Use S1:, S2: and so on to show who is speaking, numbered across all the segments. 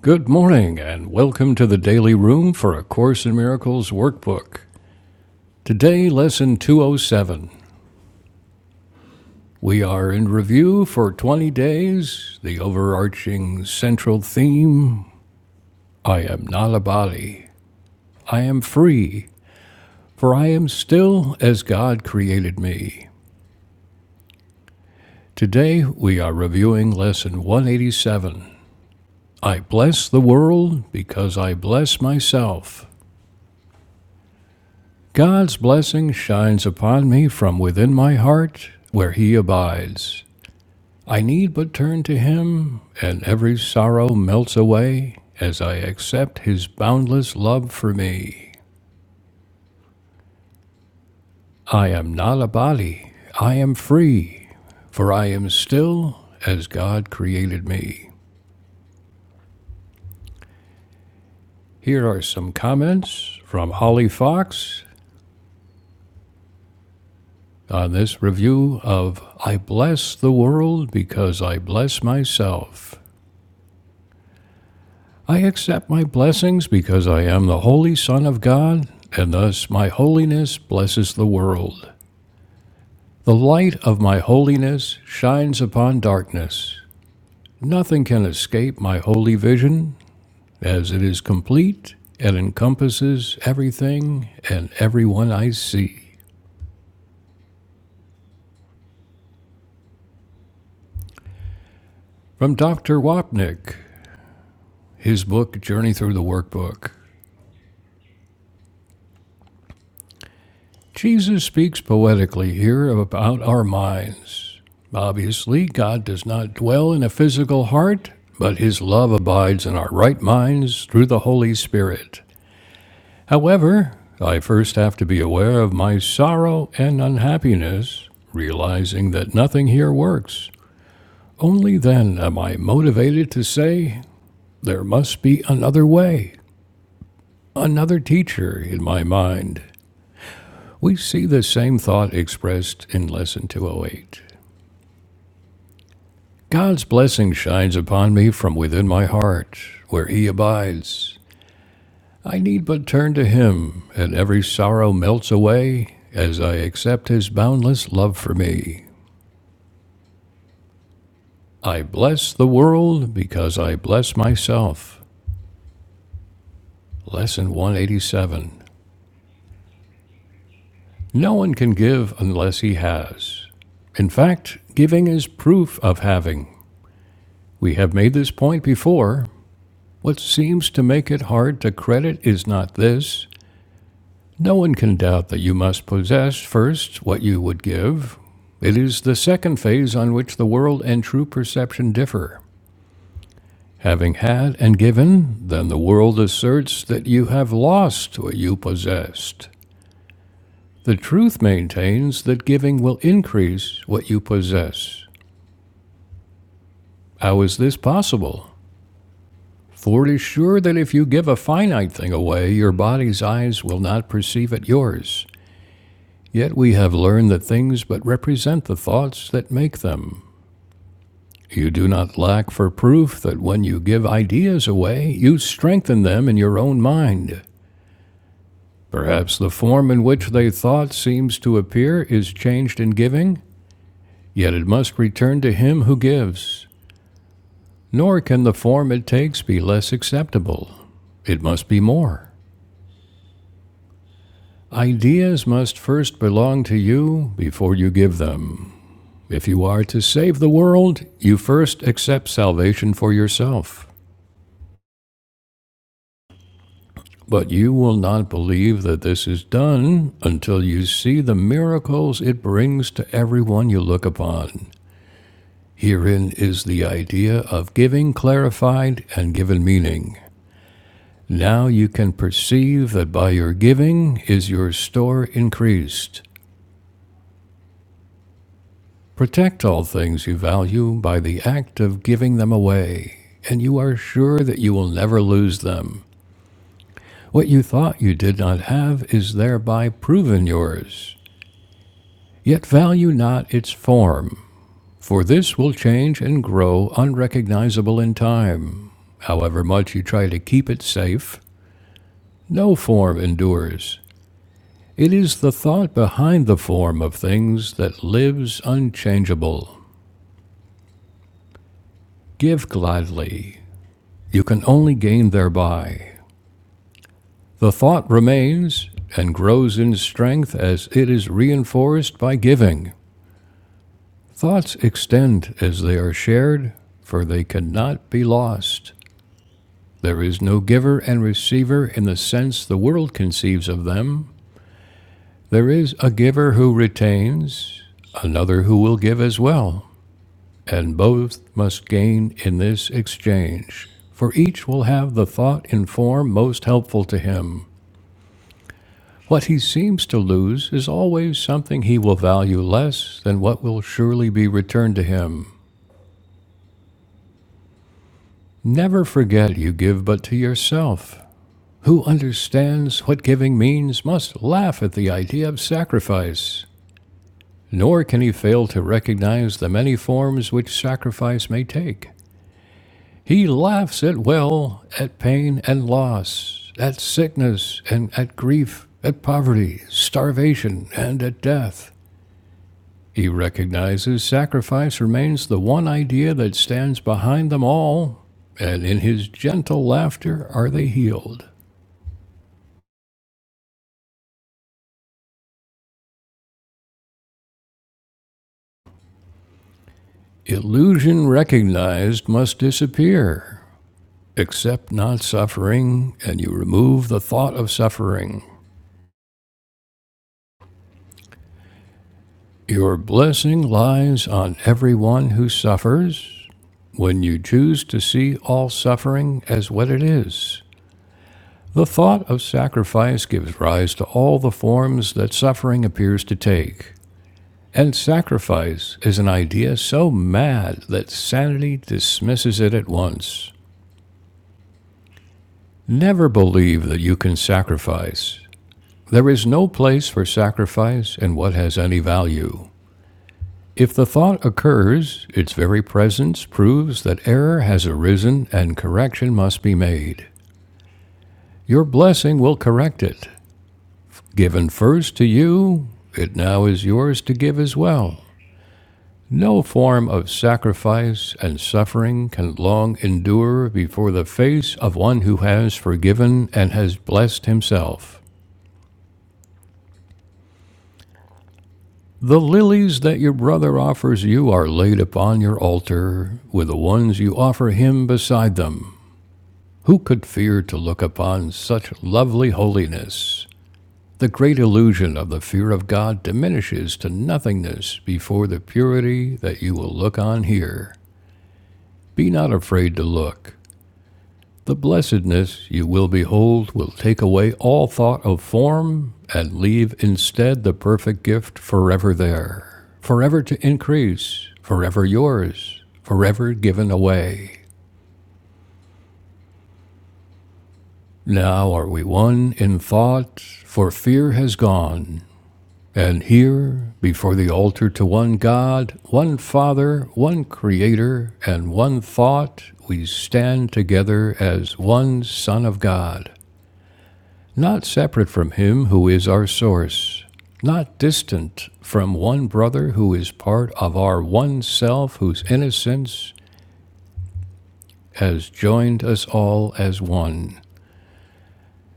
S1: Good morning, and welcome to the Daily Room for A Course in Miracles workbook. Today, Lesson 207. We are in review for 20 days. The overarching central theme I am not a body. I am free, for I am still as God created me. Today, we are reviewing Lesson 187. I bless the world because I bless myself. God's blessing shines upon me from within my heart, where He abides. I need but turn to Him, and every sorrow melts away as I accept His boundless love for me. I am not a body, I am free, for I am still as God created me. Here are some comments from Holly Fox on this review of I Bless the World Because I Bless Myself. I accept my blessings because I am the Holy Son of God, and thus my holiness blesses the world. The light of my holiness shines upon darkness. Nothing can escape my holy vision, as it is complete and encompasses everything and everyone I see. From Dr. Wapnick, his book Journey Through the Workbook. Jesus speaks poetically here about our minds. Obviously, God does not dwell in a physical heart, but his love abides in our right minds through the Holy Spirit. However, I first have to be aware of my sorrow and unhappiness, realizing that nothing here works. Only then am I motivated to say, there must be another way, another teacher in my mind. We see the same thought expressed in Lesson 208. God's blessing shines upon me from within my heart, where He abides. I need but turn to Him, and every sorrow melts away as I accept His boundless love for me. I bless the world because I bless myself. Lesson 187. No one can give unless he has. In fact, giving is proof of having. We have made this point before. What seems to make it hard to credit is not this. No one can doubt that you must possess first what you would give. It is the second phase on which the world and true perception differ. Having had and given, then the world asserts that you have lost what you possessed. The truth maintains that giving will increase what you possess. How is this possible? For it is sure that if you give a finite thing away, your body's eyes will not perceive it yours. Yet we have learned that things but represent the thoughts that make them. You do not lack for proof that when you give ideas away, you strengthen them in your own mind. Perhaps the form in which they thought seems to appear is changed in giving, yet it must return to him who gives. Nor can the form it takes be less acceptable. It must be more. Ideas must first belong to you before you give them. If you are to save the world, you first accept salvation for yourself. But you will not believe that this is done until you see the miracles it brings to everyone you look upon. Herein is the idea of giving clarified and given meaning. Now you can perceive that by your giving is your store increased. Protect all things you value by the act of giving them away, and you are sure that you will never lose them. What you thought you did not have is thereby proven yours. Yet value not its form, for this will change and grow unrecognizable in time. However much you try to keep it safe, no form endures. It is the thought behind the form of things that lives unchangeable. Give gladly. You can only gain thereby. The thought remains and grows in strength as it is reinforced by giving. Thoughts extend as they are shared, for they cannot be lost. There is no giver and receiver in the sense the world conceives of them. There is a giver who retains, another who will give as well, and both must gain in this exchange, for each will have the thought in form most helpful to him. What he seems to lose is always something he will value less than what will surely be returned to him. Never forget you give but to yourself. Who understands what giving means must laugh at the idea of sacrifice, nor can he fail to recognize the many forms which sacrifice may take. He laughs at well, at pain and loss, at sickness and at grief, at poverty, starvation, and at death. He recognizes sacrifice remains the one idea that stands behind them all, and in his gentle laughter are they healed. Illusion recognized must disappear. Accept not suffering, and you remove the thought of suffering. Your blessing lies on everyone who suffers when you choose to see all suffering as what it is. The thought of sacrifice gives rise to all the forms that suffering appears to take. And sacrifice is an idea so mad that sanity dismisses it at once. Never believe that you can sacrifice. There is no place for sacrifice in what has any value. If the thought occurs, its very presence proves that error has arisen and correction must be made. Your blessing will correct it. Given first to you, it now is yours to give as well. No form of sacrifice and suffering can long endure before the face of one who has forgiven and has blessed himself. The lilies that your brother offers you are laid upon your altar, with the ones you offer him beside them. Who could fear to look upon such lovely holiness? The great illusion of the fear of God diminishes to nothingness before the purity that you will look on here. Be not afraid to look. The blessedness you will behold will take away all thought of form and leave instead the perfect gift forever there, forever to increase, forever yours, forever given away. Now are we one in thought, for fear has gone. And here, before the altar to one God, one Father, one Creator, and one thought, we stand together as one Son of God. not separate from him who is our source, not distant from one brother who is part of our one self, whose innocence has joined us all as one.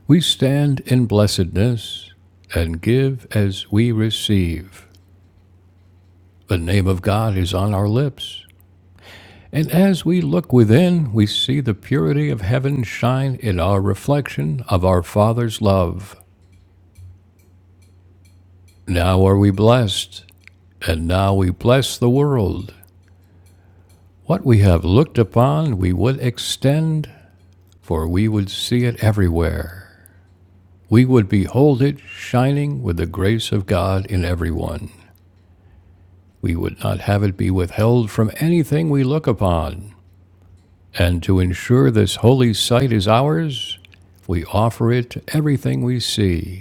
S1: We stand in blessedness and give as we receive. The name of God is on our lips. And as we look within, we see the purity of heaven shine in our reflection of our Father's love. Now are we blessed, and now we bless the world. What we have looked upon we would extend, for we would see it everywhere. We would behold it shining with the grace of God in everyone. We would not have it be withheld from anything we look upon. And to ensure this holy sight is ours, we offer it to everything we see.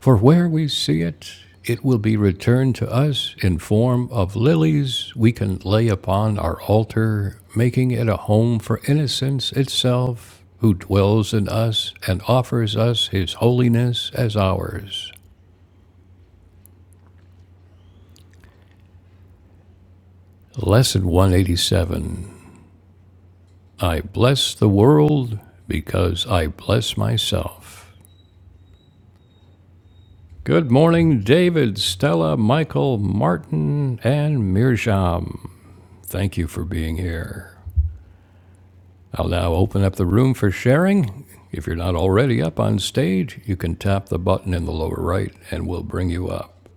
S1: For where we see it, it will be returned to us in form of lilies we can lay upon our altar, making it a home for innocence itself, who dwells in us and offers us his holiness as ours. Lesson 187 I bless the world because I bless myself. Good morning, David, Stella, Michael, Martin, and Mirjam. Thank you for being here. I'll now open up the room for sharing. If you're not already up on stage, you can tap the button in the lower right and we'll bring you up.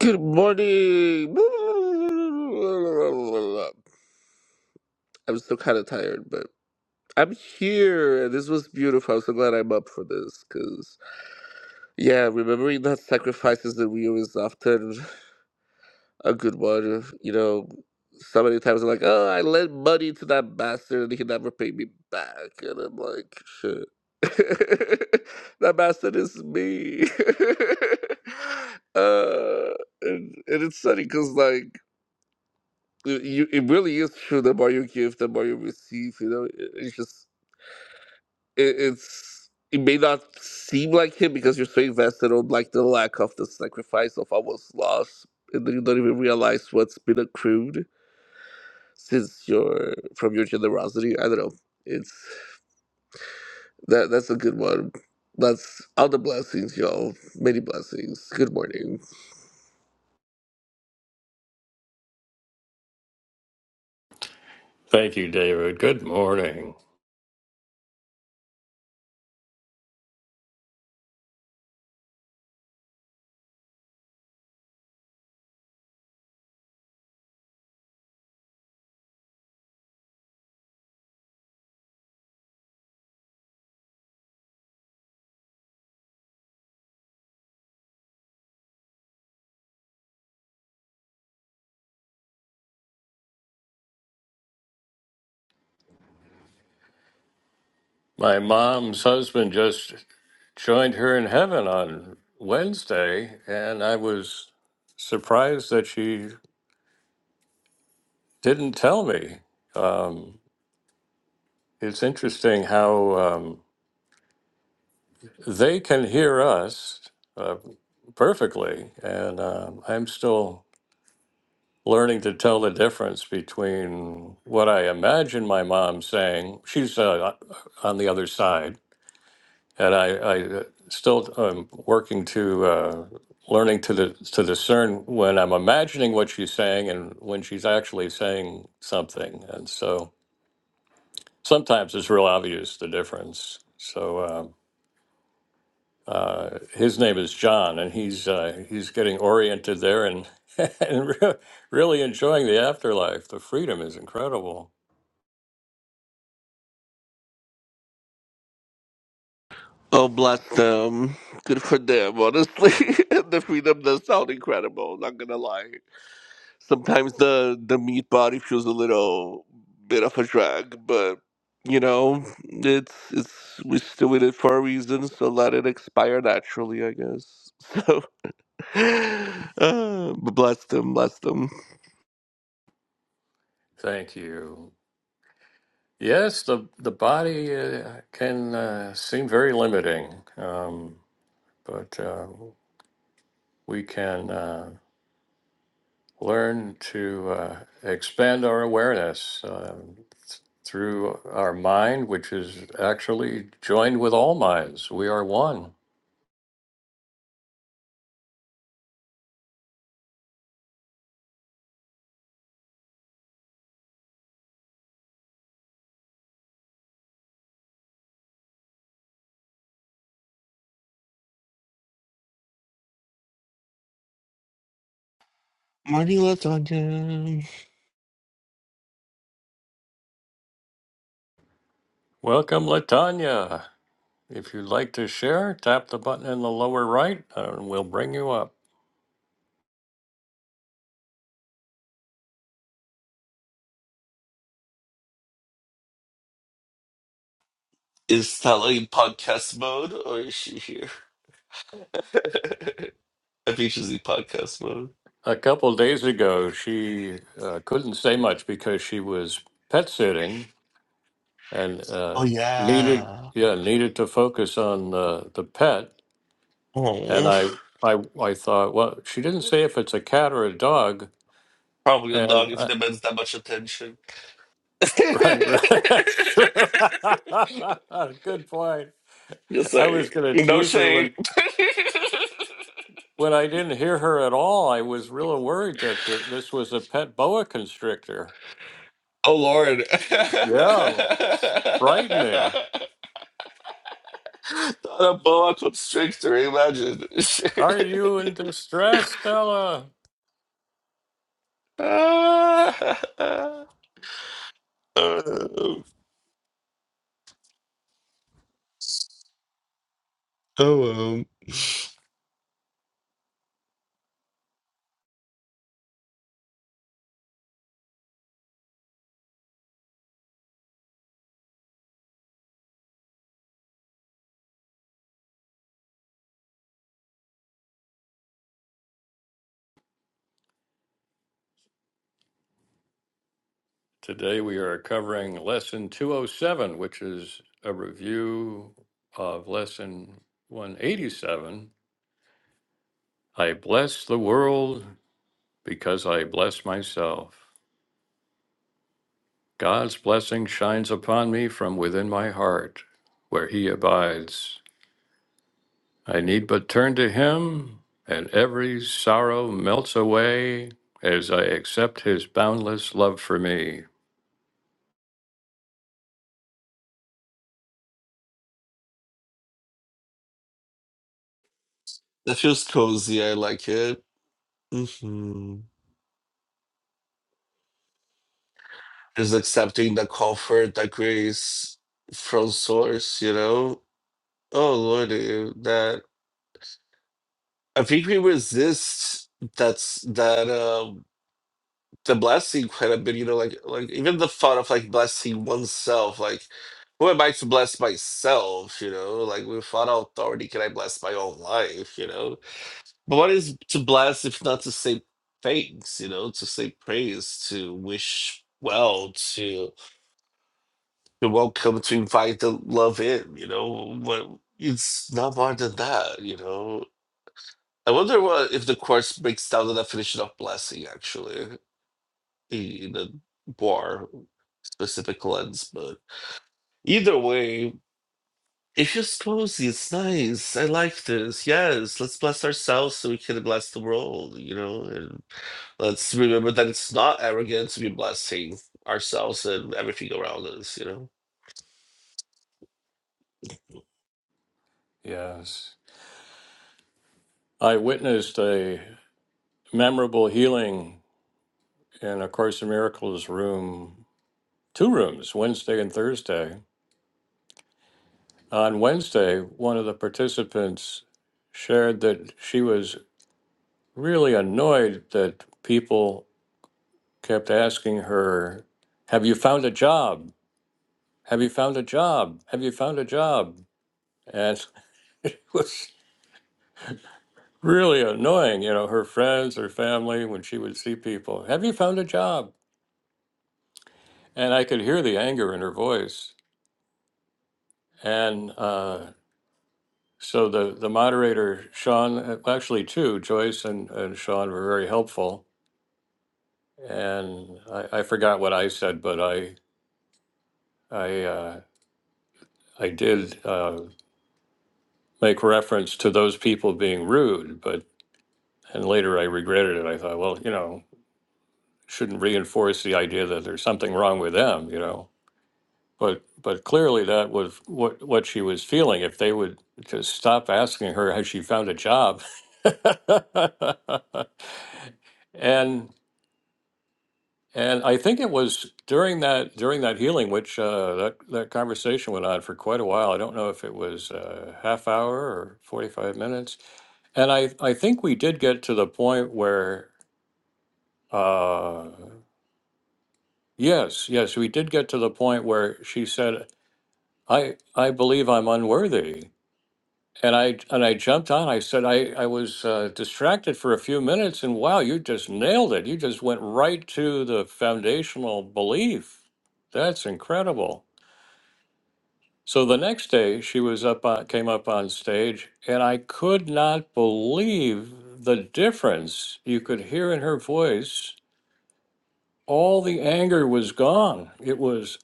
S2: Good morning. I'm still kind of tired, but I'm here. This was beautiful. I'm so glad I'm up for this because, yeah, remembering that sacrifices that we always often a good one. You know, so many times I'm like, oh, I lent money to that bastard and he never paid me back. And I'm like, shit. that bastard is me. uh, and, and it's funny because, like, you, it really is true. The more you give, the more you receive. You know, It- it's just it, it's it may not seem like it because you're so invested on like the lack of the sacrifice of what was lost, and then you don't even realize what's been accrued since your from your generosity. I don't know. It's that that's a good one. That's all the blessings, y'all. Many blessings. Good morning.
S1: Thank you, David. Good morning. My mom's husband just joined her in heaven on Wednesday, and I was surprised that she didn't tell me. Um, it's interesting how um, they can hear us uh, perfectly, and um I'm still learning to tell the difference between what I imagine my mom saying. She's uh, on the other side, and I, I uh, still am working to uh, learning to the, to discern when I'm imagining what she's saying and when she's actually saying something. And so sometimes it's real obvious the difference. So. Um, uh, his name is John, and he's uh, he's getting oriented there and and re- really enjoying the afterlife. The freedom is incredible.
S2: Oh, bless them. Good for them, honestly. the freedom does sound incredible. Not gonna lie. Sometimes the the meat body feels a little bit of a drag, but you know, it's it's we're still in it for a reason, so let it expire naturally, I guess. So, uh, but bless them, bless them.
S1: Thank you. Yes, the the body uh, can uh, seem very limiting, um, but uh, we can uh, learn to uh, expand our awareness uh, through our mind, which is actually joined with all minds. We are one.
S2: Morning lasagna.
S1: Welcome, Latanya. If you'd like to share, tap the button in the lower right, and we'll bring you up.
S2: Is Stella in podcast mode or is she here? I think she's in podcast mode.
S1: A couple days ago, she uh, couldn't say much because she was pet sitting and uh,
S2: Oh
S1: needed,
S2: yeah.
S1: yeah, needed to focus on uh, the pet. And
S2: Oh,
S1: I, I, I thought, well, she didn't say if it's a cat or a dog.
S2: probably a
S1: And
S2: dog if
S1: uh,
S2: demands that much attention.
S1: right, right, that's true. good point.
S2: yes,
S1: I
S2: sir.
S1: was going to
S2: No
S1: tease her
S2: shade.
S1: when when I didn't hear her at all. I was really worried that, that this was a pet boa constrictor.
S2: oh Lord.
S1: Yeah, frightening.
S2: Not a boa constrictor, imagine.
S1: Are you in distress, Stella?
S2: Ah. Um, oh um.
S1: Today we are covering lesson 207, which is a review of lesson 187. I bless the world because I bless myself. God's blessing shines upon me from within my heart, where He abides. I need but turn to Him, and every sorrow melts away as I accept His boundless love for me.
S2: That feels cozy, I like it. hmm Just accepting the comfort, the grace from source, you know? Oh lordy, that I think we resist that's that um the blessing quite a bit, you know, like like even the thought of like blessing oneself, like who am I to bless myself, you know? Like without authority can I bless my own life, you know? But what is to bless if not to say thanks, you know, to say praise, to wish well, to to welcome, to invite the love in, you know? What it's not more than that, you know. I wonder what if the course breaks down the definition of blessing actually in a more specific lens, but either way, it's just cozy. It's nice. I like this. Yes, let's bless ourselves so we can bless the world. You know, and let's remember that it's not arrogant to be blessing ourselves and everything around us. You know,
S1: Yes. I witnessed a memorable healing in A Course in Miracles room, two rooms, Wednesday and Thursday. On Wednesday, one of the participants shared that she was really annoyed that people kept asking her, Have you found a job? Have you found a job? Have you found a job? And it was really annoying, you know, her friends, her family, when she would see people, Have you found a job? And I could hear the anger in her voice. And uh, so the, the moderator, Sean, uh, actually two, Joyce and, and Sean were very helpful. And I, I forgot what I said, but I, I, uh, I did uh, make reference to those people being rude, but, and later I regretted it. I thought, well, you know, shouldn't reinforce the idea that there's something wrong with them, you know? But but clearly that was what what she was feeling. If they would just stop asking her has she found a job. And and I think it was during that during that healing, which uh, that that conversation went on for quite a while. I don't know if it was a half hour or 45 minutes. And I I think we did get to the point where uh, yes, yes, we did get to the point where she said, I I believe I'm unworthy. And I and I jumped on. I said I I was uh, distracted for a few minutes, and wow, you just nailed it. You just went right to the foundational belief. That's incredible. So the next day, she was up on, came up on stage, and I could not believe the difference you could hear in her voice. All the anger was gone. It was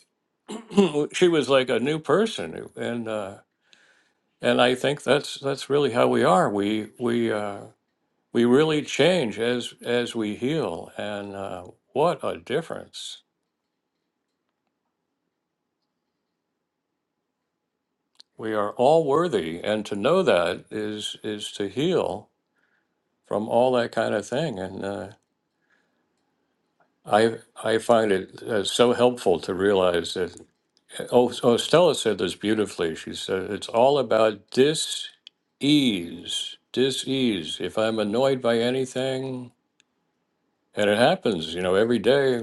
S1: she was like a new person, and uh, and I think that's that's really how we are. We we. Uh, we really change as as we heal and uh, what a difference we are all worthy and to know that is is to heal from all that kind of thing and uh, i i find it uh, so helpful to realize that oh, oh stella said this beautifully she said it's all about dis ease dis ease if i'm annoyed by anything and it happens you know every day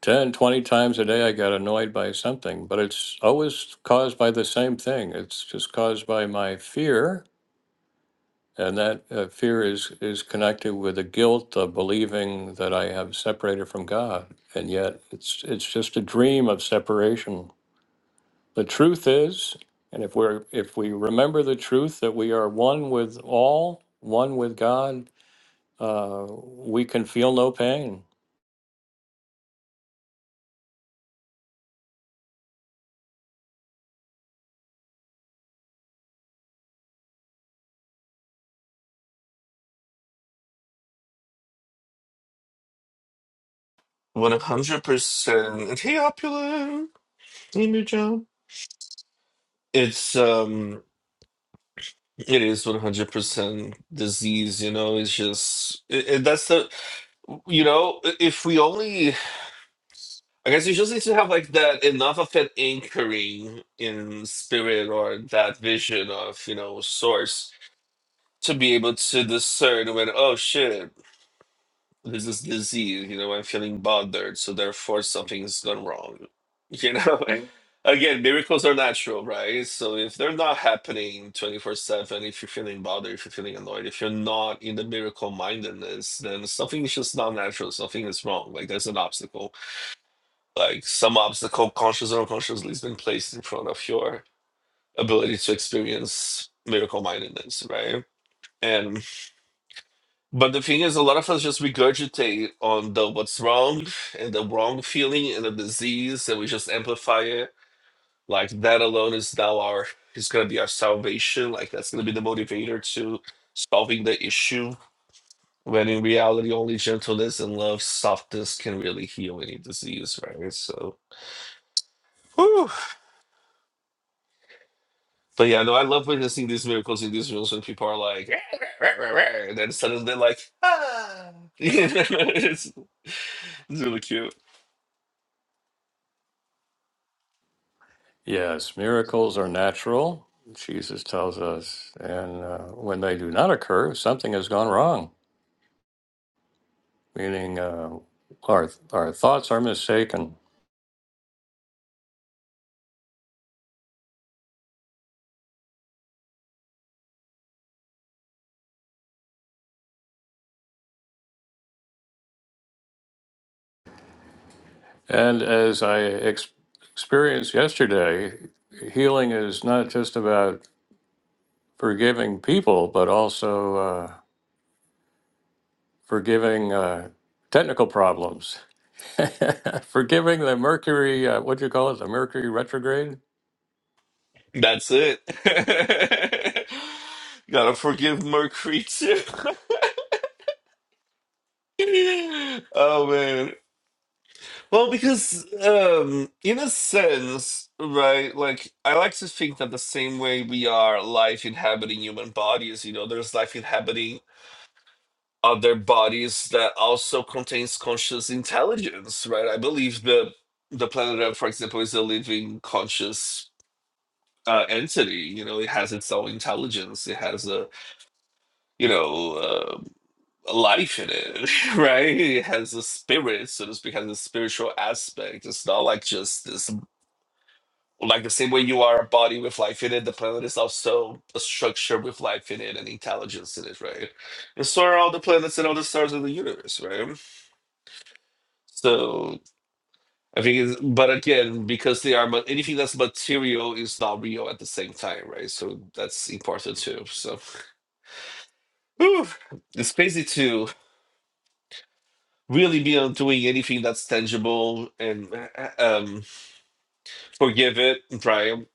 S1: 10, 20 times a day, I got annoyed by something, but it's always caused by the same thing. It's just caused by my fear. And that uh, fear is, is connected with the guilt of believing that I have separated from God. And yet it's, it's just a dream of separation. The truth is, and if we're, if we remember the truth that we are one with all, one with God, uh, we can feel no pain
S2: one hundred percent. Hey, opulent. Hey, new job. It's um. It is 100% disease, you know, it's just it, it- that's the you know, i- if we only I guess you just need to have like that enough of an anchoring in spirit or that vision of, you know, source to be able to discern when oh shit This is disease, you know, I'm feeling bothered, so therefore something's gone wrong. You know? Again, miracles are natural, right? So if they're not happening 24/7, if you're feeling bothered, if you're feeling annoyed, if you're not in the miracle mindedness, then something is just not natural, something is wrong. Like there's an obstacle. Like some obstacle, conscious or unconsciously, has been placed in front of your ability to experience miracle mindedness, right? And. But the thing is, a lot of us just regurgitate on the what's wrong and the wrong feeling and the disease, and we just amplify it. Like that alone is now our is gonna be our salvation. Like that's gonna be the motivator to solving the issue. When in reality, only gentleness and love, softness can really heal any disease, right? So, whew. but yeah, no, I love witnessing these miracles in these rooms when people are like, and then suddenly they're like, ah, it's, it's really cute.
S1: Yes, miracles are natural, Jesus tells us. And uh, when they do not occur, something has gone wrong, meaning uh, our, our thoughts are mistaken. And as I ex- experienced yesterday, healing is not just about forgiving people, but also uh, forgiving uh, technical problems. forgiving the Mercury, uh, what do you call it, the Mercury retrograde?
S2: That's it. Gotta forgive Mercury too. Oh man. Well, because um in a sense, right, like I like to think that the same way we are life inhabiting human bodies, you know, there's life inhabiting other bodies that also contains conscious intelligence, right? I believe the the planet Earth, for example, is a living conscious uh, entity. You know, it has its own intelligence. It has a you know, uh, life in it, right? It has a spirit, so to speak, has a spiritual aspect. It's not like just this, like the same way you are a body with life in it, the planet is also a structure with life in it and intelligence in it, right? And so are all the planets and all the stars of the universe, right? So I think, it's, but again, because they are ma- anything that's material is not real at the same time, right? So that's important too. So it's crazy too really be on doing anything that's tangible and uh, um, forgive it and triumph,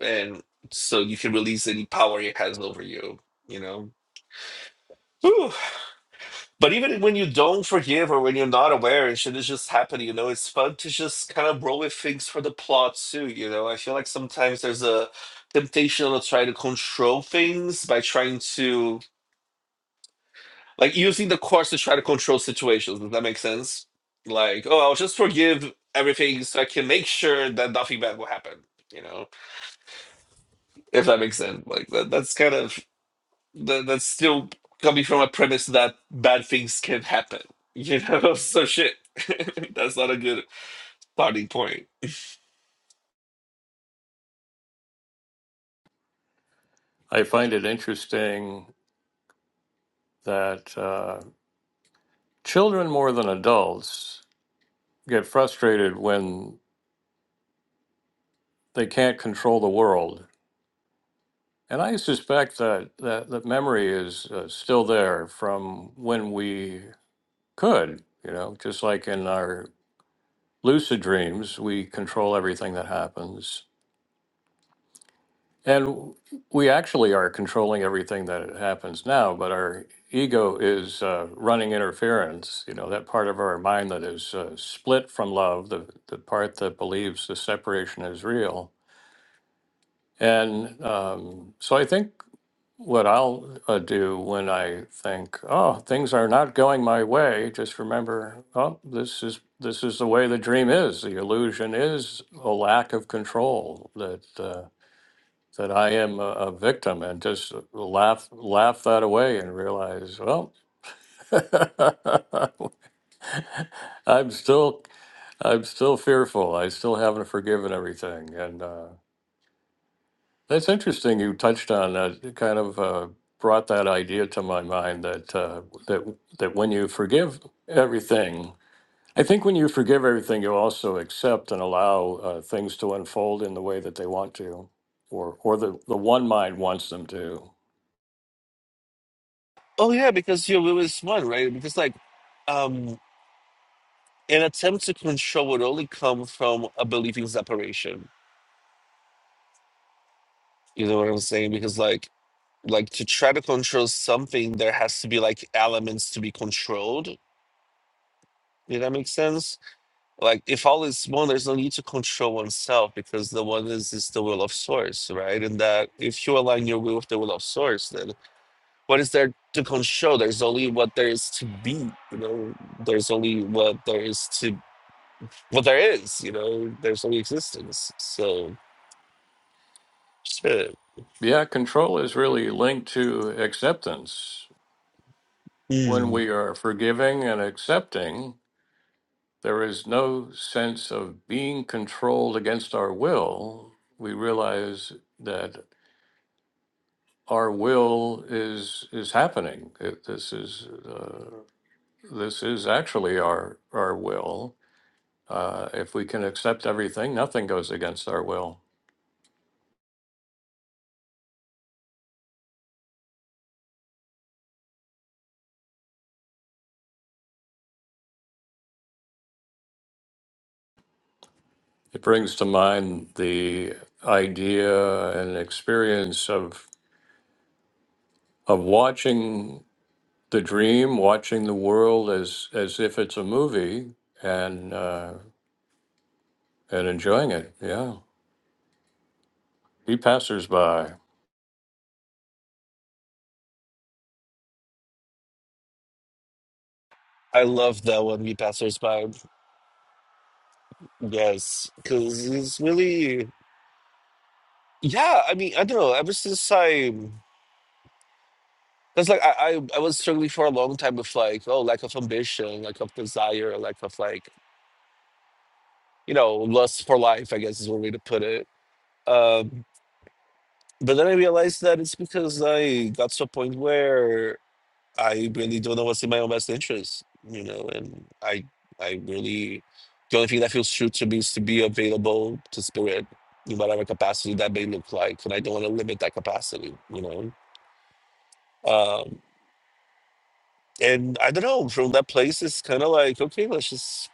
S2: and so you can release any power it has over you. You know. Whew. But even when you don't forgive or when you're not aware and shit is just happening, you know, it's fun to just kind of roll with things for the plot too. You know, I feel like sometimes there's a temptation to try to control things by trying to like using the course to try to control situations. Does that make sense? Like, oh, I'll just forgive everything so I can make sure that nothing bad will happen. You know, if that makes sense. Like that, that's kind of that, that's still coming from a premise that bad things can happen. You know, so shit. that's not a good starting point.
S1: I find it interesting that. Uh, Children more than adults get frustrated when they can't control the world. And I suspect that that, that memory is uh, still there from when we could, you know, just like in our lucid dreams, we control everything that happens. And we actually are controlling everything that happens now, but our ego is uh, running interference. You know, that part of our mind that is uh, split from love, the, the part that believes the separation is real. And um, so I think what I'll uh, do when I think, oh, things are not going my way, just remember, oh, this is this is the way the dream is. The illusion is a lack of control that. Uh, that I am a, a victim and just laugh laugh that away and realize, well, I'm still I'm still fearful. I still haven't forgiven everything. And uh, that's interesting. You touched on that. It kind of uh, brought that idea to my mind that uh, that that when you forgive everything. I think when you forgive everything, you also accept and allow uh, things to unfold in the way that they want to, or or the, the one mind wants them to.
S2: Oh yeah, because you're really smart, right? Because like um an attempt to control would only come from a belief in separation. You know what I'm saying? Because like like to try to control something there has to be like elements to be controlled did that make sense like if all is one there's no need to control oneself because the one is is the will of source right and that if you align your will with the will of source then what is there to control there's only what there is to be you know there's only what there is to what there is you know there's only existence so shit
S1: Yeah, control is really linked to acceptance. When
S2: Mm.
S1: we are forgiving and accepting, there is no sense of being controlled against our will. We realize that our will is is happening. It, this is uh, this is actually our our will. Uh, if we can accept everything, nothing goes against our will. It brings to mind the idea and experience of of watching the dream, watching the world as as if it's a movie, and uh, and enjoying it. Yeah, be passersby.
S2: I love that one, we passers by. Yes, because it's really Yeah, I mean, I don't know. Ever since I, because like I, I, I was struggling for a long time with like, oh, lack of ambition, lack of desire, lack of like, you know, lust for life. I guess is one way to put it. Um, but then I realized that it's because I got to a point where I really don't know what's in my own best interest, you know, and I, I really, the only thing that feels true to me is to be available to spirit in whatever capacity that may look like, and I don't want to limit that capacity, you know. Um, and I don't know, from that place, it's kind of like, okay, let's just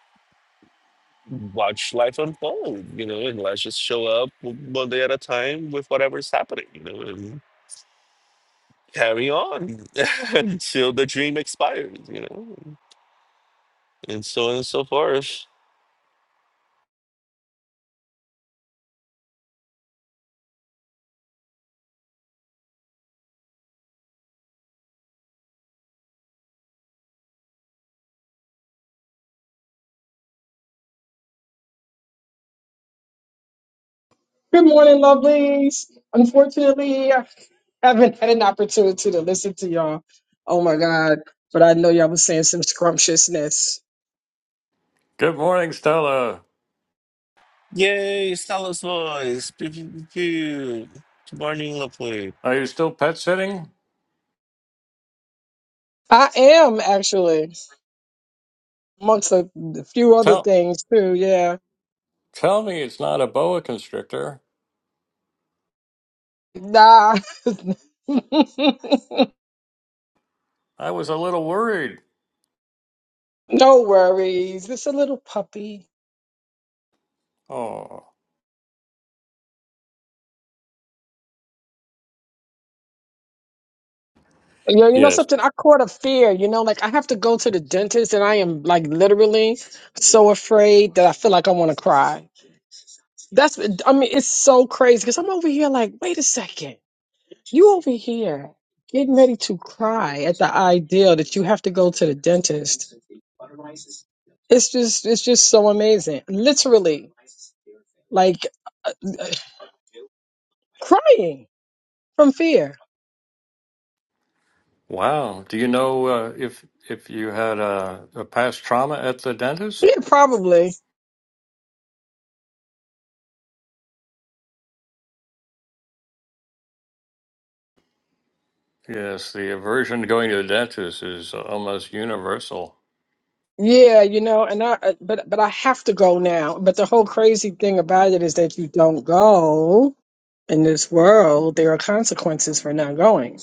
S2: watch life unfold, you know, and let's just show up one day at a time with whatever's happening, you know, and carry on until the dream expires, you know, and so on and so forth.
S3: Good morning, lovelies. Unfortunately, I haven't had an opportunity to listen to y'all. Oh my God. But I know y'all was saying some scrumptiousness.
S1: Good morning, Stella.
S2: Yay, Stella's voice. Pew, pew, pew, pew. Good morning, lovely.
S1: Are you still pet sitting?
S3: I am actually, amongst a, a few other
S1: Tell
S3: things too. Yeah.
S1: tell me it's not a boa constrictor.
S3: Nah.
S1: I was a little worried.
S3: no worries. It's a little puppy.
S1: Oh,
S3: Yo, you know
S1: yes.
S3: something? I caught a fear. You know, like I have to go to the dentist and I am like literally so afraid that I feel like I want to cry. That's I mean, it's so crazy because I'm over here like, wait a second, you over here getting ready to cry at the idea that you have to go to the dentist. It's just it's just so amazing. Literally, like crying from fear.
S1: Wow. Do you know uh, if if you had a, a past trauma at the dentist?
S3: Yeah, probably.
S1: Yes, the aversion to going to the dentist is almost universal.
S3: Yeah, you know, and I uh, but but I have to go now. But the whole crazy thing about it is that you don't go in this world, there are consequences for not going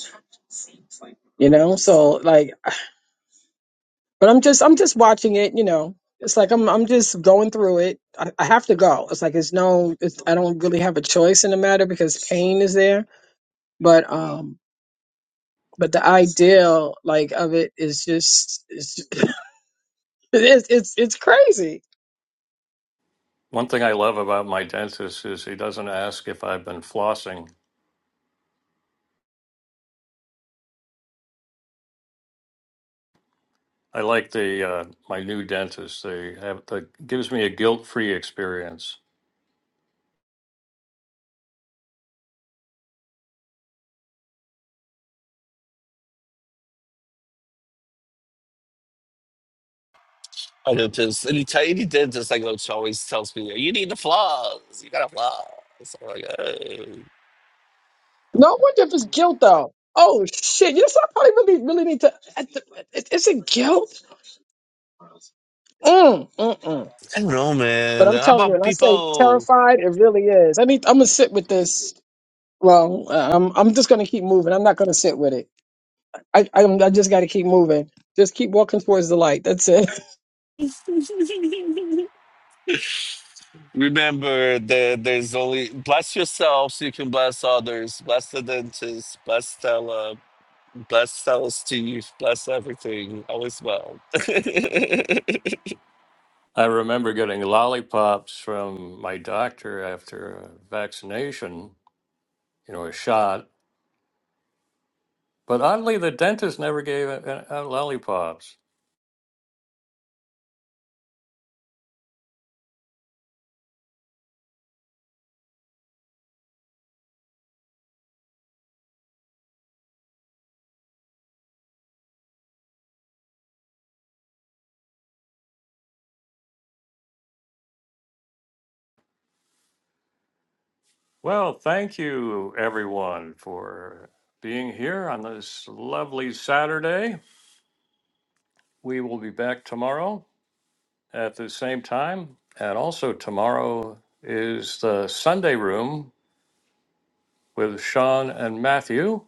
S3: you know so like But I'm just I'm just watching it, you know. It's like I'm I'm just going through it. I, I have to go. It's like it's no it's, I don't really have a choice in the matter because pain is there. But um but the ideal like of it is just it's it's it's, it's crazy.
S1: One thing I love about my dentist is he doesn't ask if I've been flossing. I like the uh, my new dentist. They have that gives me a guilt-free experience.
S2: I noticed, any, ti- any dentist I go to always tells me, you need the flaws, you gotta flaws. I'm like, "Oh."
S3: No wonder if it's guilt though. Oh shit! You know, so I probably really really need to. I- It, it's a guilt. Mm, mm, mm.
S2: I don't know,
S3: But
S2: man.
S3: I'm
S2: How
S3: telling you, when
S2: about
S3: I say
S2: people?
S3: terrified, it really is. I need. I'm gonna sit with this Well, I'm I'm just gonna keep moving. I'm not gonna sit with it. I I'm, I just got to keep moving. Just keep walking towards the light. That's it.
S2: Remember that there's only bless yourself so you can bless others. Bless the dentist, bless Stella, bless Stella's teeth, bless everything. All is well.
S1: I remember getting lollipops from my doctor after a vaccination, you know, a shot. But oddly, the dentist never gave out out lollipops. Well, thank you everyone for being here on this lovely Saturday. We will be back tomorrow. at the same time. And also tomorrow is the Sunday Room with Sean and Matthew,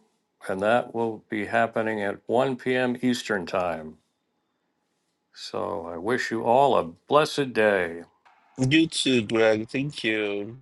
S1: and that will be happening at 1 p.m. Eastern Time. So I wish you all a blessed day.
S2: you too, Greg. Thank you.